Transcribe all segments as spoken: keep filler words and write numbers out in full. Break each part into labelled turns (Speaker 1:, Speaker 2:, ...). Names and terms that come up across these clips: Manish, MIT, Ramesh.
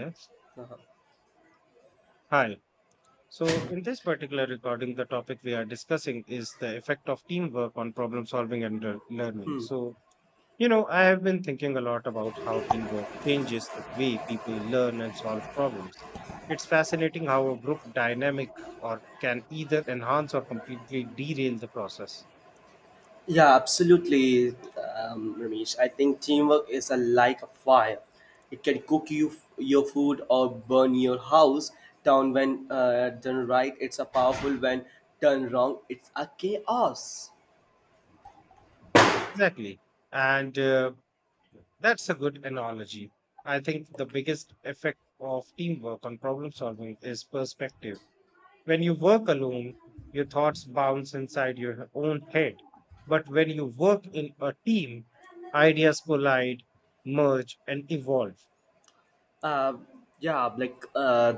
Speaker 1: Yes. Hi. So, in this particular recording, the topic we are discussing is the effect of teamwork on problem solving and lear- learning.
Speaker 2: Hmm.
Speaker 1: So, you know, I have been thinking a lot about how teamwork changes the way people learn and solve problems. It's fascinating how a group dynamic or can either enhance or completely derail the process.
Speaker 2: Yeah, absolutely, um, Ramesh. I think teamwork is a, like a fire. It can cook you your food or burn your house down when uh, done right. It's a powerful when done wrong. It's a chaos.
Speaker 1: Exactly. And uh, that's a good analogy. I think the biggest effect of teamwork on problem solving is perspective. When you work alone, your thoughts bounce inside your own head. But when you work in a team, ideas collide, merge, and evolve.
Speaker 2: Uh, yeah, like uh,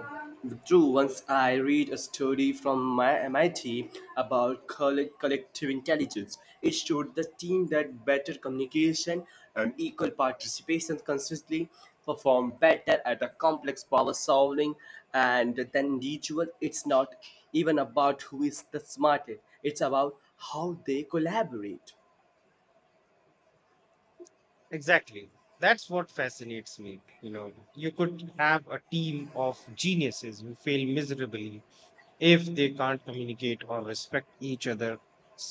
Speaker 2: True. Once I read a study from my M I T about coll- collective intelligence. It showed the team that better communication and equal participation consistently perform better at the complex problem solving and then individual. It's not even about who is the smartest. It's about how they collaborate.
Speaker 1: Exactly. That's what fascinates me. You know, you could have a team of geniuses who fail miserably if they can't communicate or respect each other's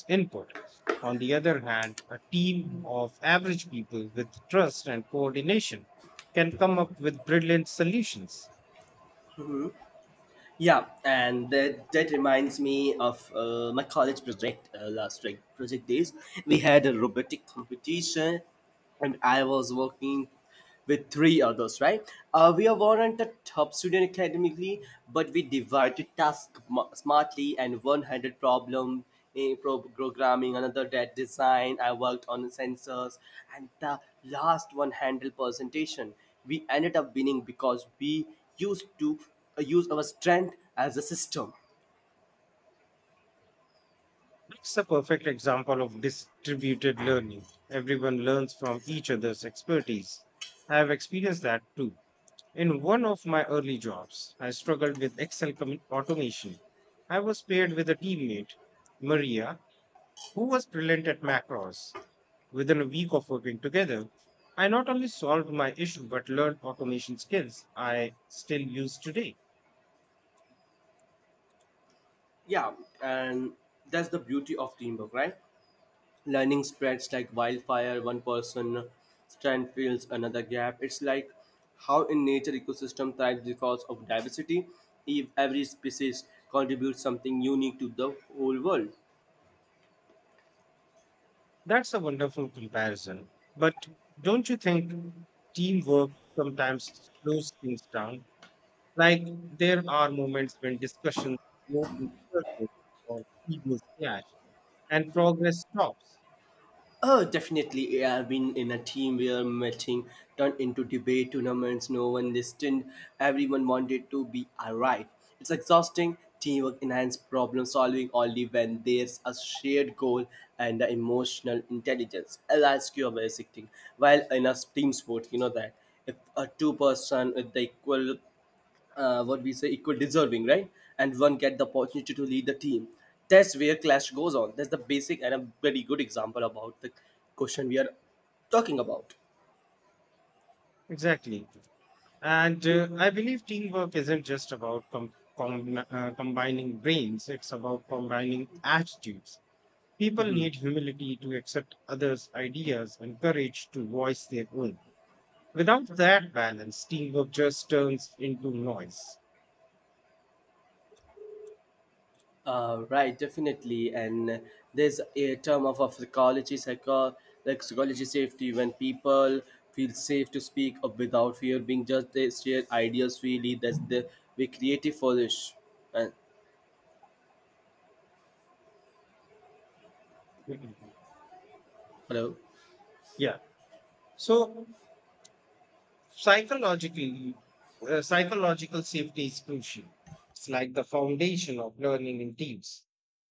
Speaker 1: input. On the other hand, a team of average people with trust and coordination can come up with brilliant solutions.
Speaker 2: Yeah, and that, that reminds me of uh, my college project uh, last like project days. We had a robotic competition, and I was working with three others. Right, uh, we weren't a top student academically, but we divided tasks smartly and one-handed problem eh, pro- programming, another that design. I worked on sensors, and the last one handled presentation. We ended up winning because we used to uh, use our strength as a system.
Speaker 1: It's a perfect example of distributed learning. Everyone learns from each other's expertise. I have experienced that too. In one of my early jobs, I struggled with Excel commu- automation. I was paired with a teammate, Maria, who was brilliant at macros. Within a week of working together, I not only solved my issue but learned automation skills I still use today.
Speaker 2: Yeah, and that's the beauty of teamwork, right? Learning spreads like wildfire. One person strength fills another gap. It's like how in nature ecosystem thrives because of diversity. If every species contributes something unique to the whole world.
Speaker 1: That's a wonderful comparison. But don't you think teamwork sometimes slows things down? Like there are moments when discussions go in circles or egos clash and progress stops.
Speaker 2: Oh, definitely. Yeah, I've been in a team where matching turned into debate tournaments. No one listened. Everyone wanted to be right. It's exhausting. Teamwork enhances problem solving only when there's a shared goal and the emotional intelligence. I'll ask you a basic thing. While in a team sport, you know that if a two person with the equal uh, what we say equal deserving right and one get the opportunity to lead the team, that's where clash goes on. That's the basic and a very good example about the question we are talking about.
Speaker 1: Exactly. And uh, I believe teamwork isn't just about com- com- uh, combining brains, it's about combining attitudes. People need humility to accept others' ideas and courage to voice their own. Without that balance, teamwork just turns into noise.
Speaker 2: Uh, right, definitely. And there's a term of, of psychology, psycho like psychology safety. When people feel safe to speak up without fear being judged, they share ideas freely. That's the we creative for this. And
Speaker 1: Mhm.
Speaker 2: hello.
Speaker 1: Yeah. So psychologically, uh, psychological safety is crucial. It's like the foundation of learning in teams.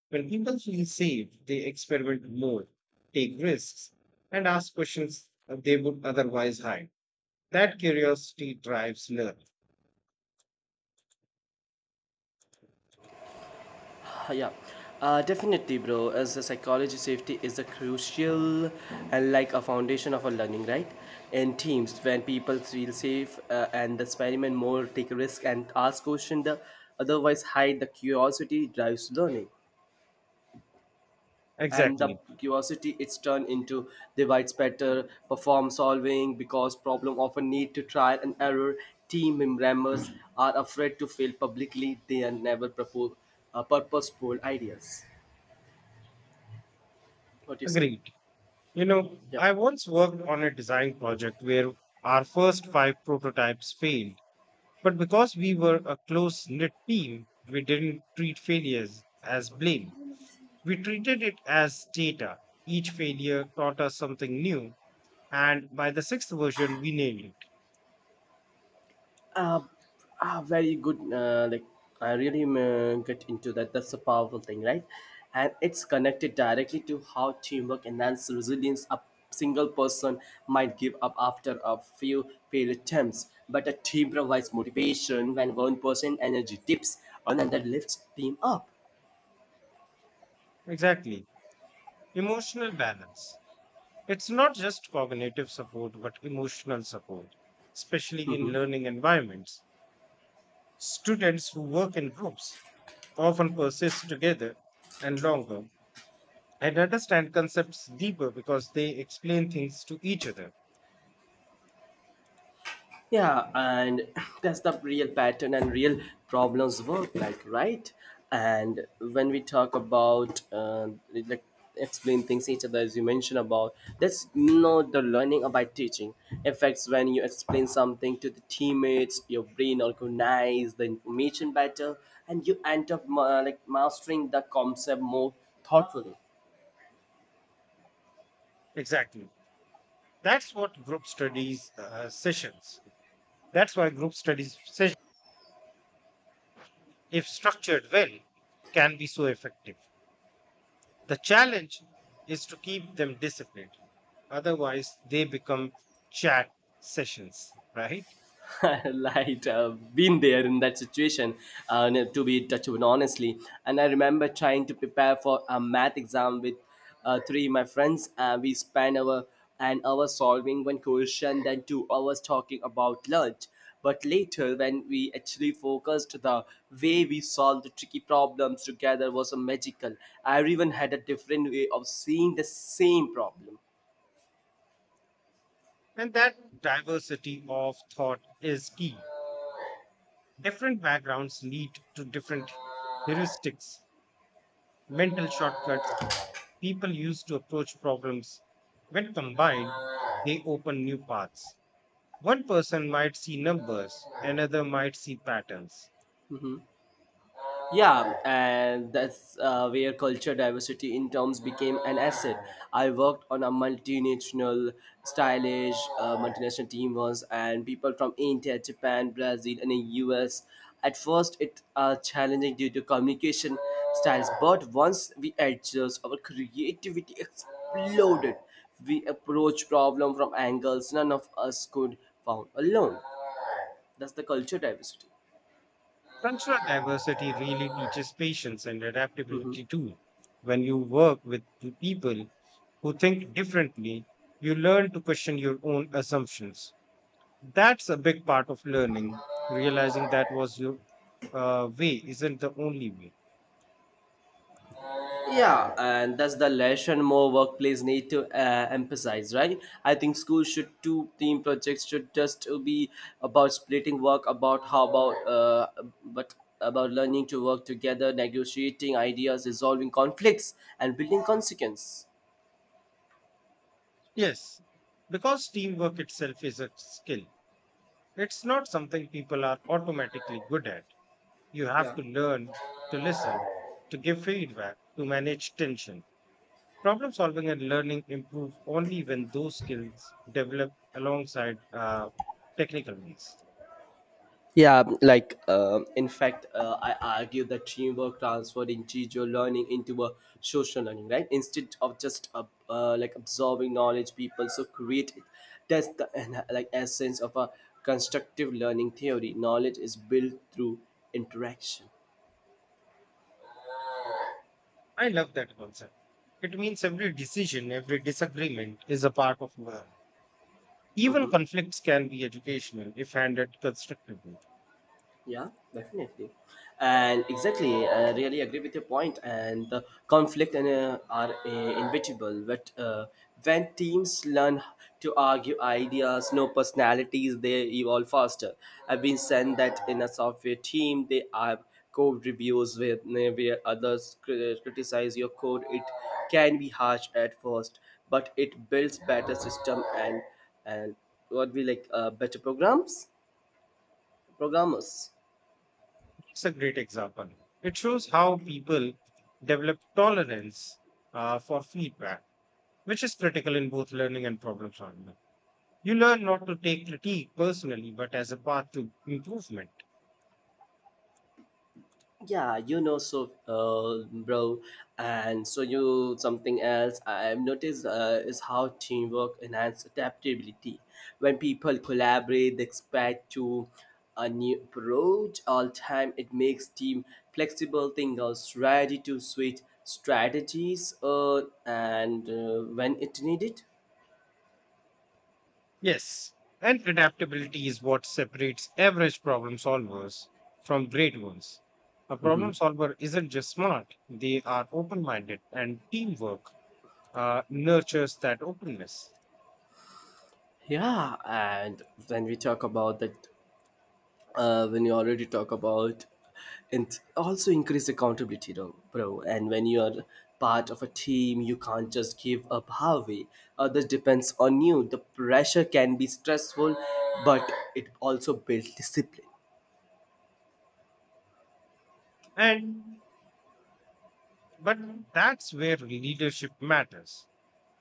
Speaker 1: When people feel safe, they experiment more, take risks, and ask questions uh, they would otherwise hide. That curiosity drives learning.
Speaker 2: Uh, Yeah, uh, definitely, bro. As a psychology, safety is a crucial and like a foundation of our learning, right? In teams, when people feel safe uh, and experiment more, take risk and ask question, the otherwise hide the curiosity drives learning, and the
Speaker 1: Exactly.
Speaker 2: curiosity, it's turned into divides better, perform solving because problem often need to trial and error. Team members are afraid to fail publicly; they are never propo- uh, purposeful ideas. What do you say?
Speaker 1: Agreed. You know,
Speaker 2: Yeah.
Speaker 1: I once worked on a design project where our first five prototypes failed. But because we were a close knit team, we didn't treat failures as blame. We treated it as data. Each failure taught us something new, and by the sixth version, we nailed it.
Speaker 2: Uh, ah, Very good. Uh, like I really um, uh, get into that. That's a powerful thing, right? And it's connected directly to how teamwork enhances resilience. A single person might give up after a few failed attempts, but a team provides motivation. When one person energy dips, another lifts team up.
Speaker 1: Exactly. Emotional balance. It's not just cognitive support, but emotional support, especially in learning environments. Students who work in groups often persist together and longer and understand concepts deeper because they explain things to each other.
Speaker 2: Yeah, and that's the real pattern and real problems work like, right? And when we talk about uh, like explain things each other as you mentioned about, that's not the learning about teaching effects. When you explain something to the teammates, your brain organize the information better and you end up uh, like mastering the concept more thoughtfully.
Speaker 1: Exactly. That's what group studies uh, sessions. That's why group studies sessions, if structured well, can be so effective. The challenge is to keep them disciplined. Otherwise, they become chat sessions, right?
Speaker 2: Right, I been there in that situation. Uh, no, to be touched with honestly. And I remember trying to prepare for a math exam with uh, three of my friends, and we spent our an hour solving one question then two hours talking about lunch. But later when we actually focused, the way we solved the tricky problems together was a magical. Everyone had a different way of seeing the same problem.
Speaker 1: And that diversity of thought is key. Different backgrounds lead to different heuristics, mental shortcuts people use to approach problems. When combined, they open new paths. One person might see numbers, another might see patterns.
Speaker 2: Yeah, and that's uh, where culture diversity in terms became an asset. I worked on a multinational, stylish uh, multinational team once, and people from India, Japan, Brazil, and the U S. At first, it uh, challenging due to communication styles, but once we adjust, our creativity exploded. We approach problem from angles none of us could found alone. That's the culture diversity.
Speaker 1: Cultural diversity really teaches patience and adaptability too. When you work with two people who think differently, you learn to question your own assumptions. That's a big part of learning, realizing that was your uh, way isn't the only way.
Speaker 2: Yeah, and that's the lesson more workplace need to uh, emphasize, right? I think schools should do team projects should just be about splitting work, about how about uh, but about learning to work together, negotiating ideas, resolving conflicts, and building consequence.
Speaker 1: Yes, because teamwork itself is a skill. It's not something people are automatically good at. You have
Speaker 2: Yeah.
Speaker 1: to learn to listen, to give feedback, to manage tension. Problem solving and learning improve only when those skills develop alongside uh, technical means.
Speaker 2: Yeah, like um in fact, uh, I argue that teamwork transferred individual learning into a social learning, right? Instead of just uh, uh, like absorbing knowledge, people so create it. That's the and, uh, like essence of a constructive learning theory. Knowledge is built through interaction.
Speaker 1: I love that concept. It means every decision, every disagreement is a part of learning. Even conflicts can be educational if handled constructively.
Speaker 2: Yeah, definitely. And exactly, I really agree with your point. And the conflict and, uh, are uh, inevitable. But uh, when teams learn to argue ideas, no personalities, they evolve faster. I've been saying that in a software team, they have code reviews where, where others cri- criticize your code. It can be harsh at first, but it builds better system and and what we like uh, better programs, programmers.
Speaker 1: It's a great example. It shows how people develop tolerance uh, for feedback, which is critical in both learning and problem solving. You learn not to take critique personally, but as a path to improvement.
Speaker 2: Yeah, you know, so, uh, bro, and so you something else I've noticed uh, is how teamwork enhances adaptability. When people collaborate, they expect to a new approach all time. It makes team flexible thinkers ready to switch strategies uh, and uh, when it needed.
Speaker 1: Yes, and adaptability is what separates average problem solvers from great ones. A problem solver isn't just smart, they are open minded, and teamwork uh, nurtures that openness.
Speaker 2: Yeah, and when we talk about that, uh, when you already talk about, and also increase accountability though, bro. And when you are part of a team, you can't just give up halfway. Others depends on you. The pressure can be stressful, but it also builds discipline.
Speaker 1: And But that's where leadership matters.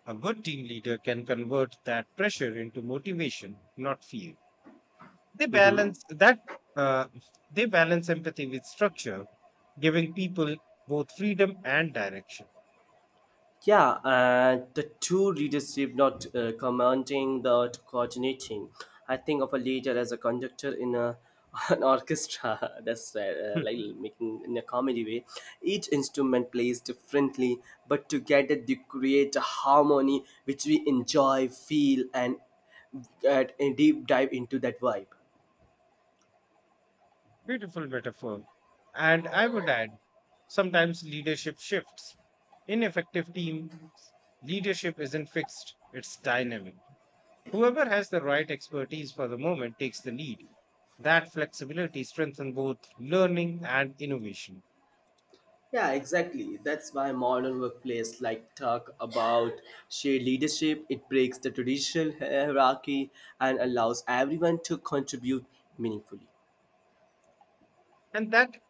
Speaker 1: A good team leader can convert that pressure into motivation, not fear. They balance that. Uh, they balance empathy with structure, giving people both freedom and direction.
Speaker 2: Yeah, and the two leadership not uh, commanding the coordinating. I think of a leader as a conductor in a an orchestra. That's uh,
Speaker 1: Hmm.
Speaker 2: uh, like making in a comedy way. Each instrument plays differently, but together they create a harmony which we enjoy, feel, and get a deep dive into that vibe.
Speaker 1: Beautiful metaphor. And I would add, sometimes leadership shifts. In effective teams, leadership isn't fixed; it's dynamic. Whoever has the right expertise for the moment takes the lead. That flexibility strengthens both learning and innovation.
Speaker 2: Yeah, exactly. That's why modern workplace like talk about shared leadership. It breaks the traditional hierarchy and allows everyone to contribute meaningfully.
Speaker 1: And that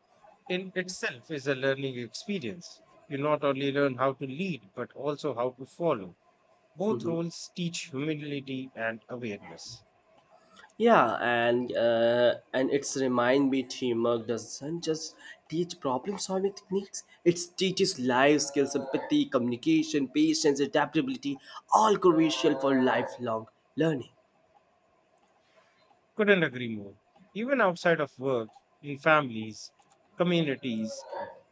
Speaker 1: in itself is a learning experience. You not only learn how to lead, but also how to follow. Both roles teach humility and awareness.
Speaker 2: Yeah, and uh, and it's remind me teamwork doesn't just teach problem solving techniques. It teaches life skills, empathy, communication, patience, adaptability, all crucial for lifelong learning.
Speaker 1: Couldn't agree more. Even outside of work, in families, communities,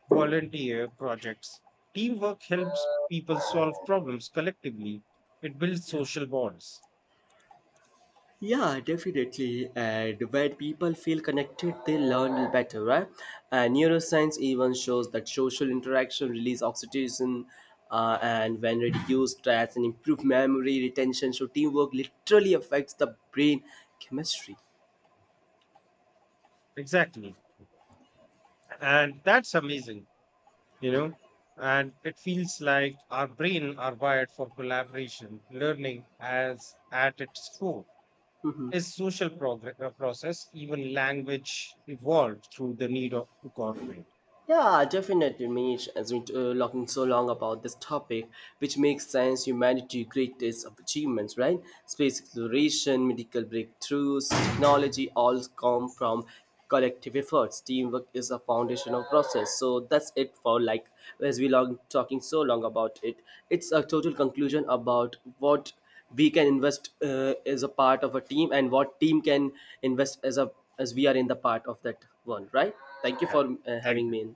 Speaker 1: volunteer projects, teamwork helps people solve problems collectively. It builds
Speaker 2: Yeah.
Speaker 1: social bonds.
Speaker 2: Yeah, definitely. And when people feel connected, they learn better, right? And neuroscience even shows that social interaction release oxytocin, uh, and when reduced stress and improved memory retention, so teamwork literally affects the brain chemistry.
Speaker 1: Exactly. And that's amazing, you know. And it feels like our brain are wired for collaboration, learning as at its core. Is social progress process, even language evolved through the need of to cooperate.
Speaker 2: Yeah, definitely, Manish. As we're uh, talking so long about this topic, which makes science humanity's greatest achievements, right? Space exploration, medical breakthroughs, technology all come from collective efforts. Teamwork is a foundational process. So that's it for like as we long talking so long about it. It's a total conclusion about what we can invest uh, as a part of a team and what team can invest as a as we are in the part of that one. Right, thank you
Speaker 1: Yeah.
Speaker 2: for uh,
Speaker 1: Thank
Speaker 2: having me in.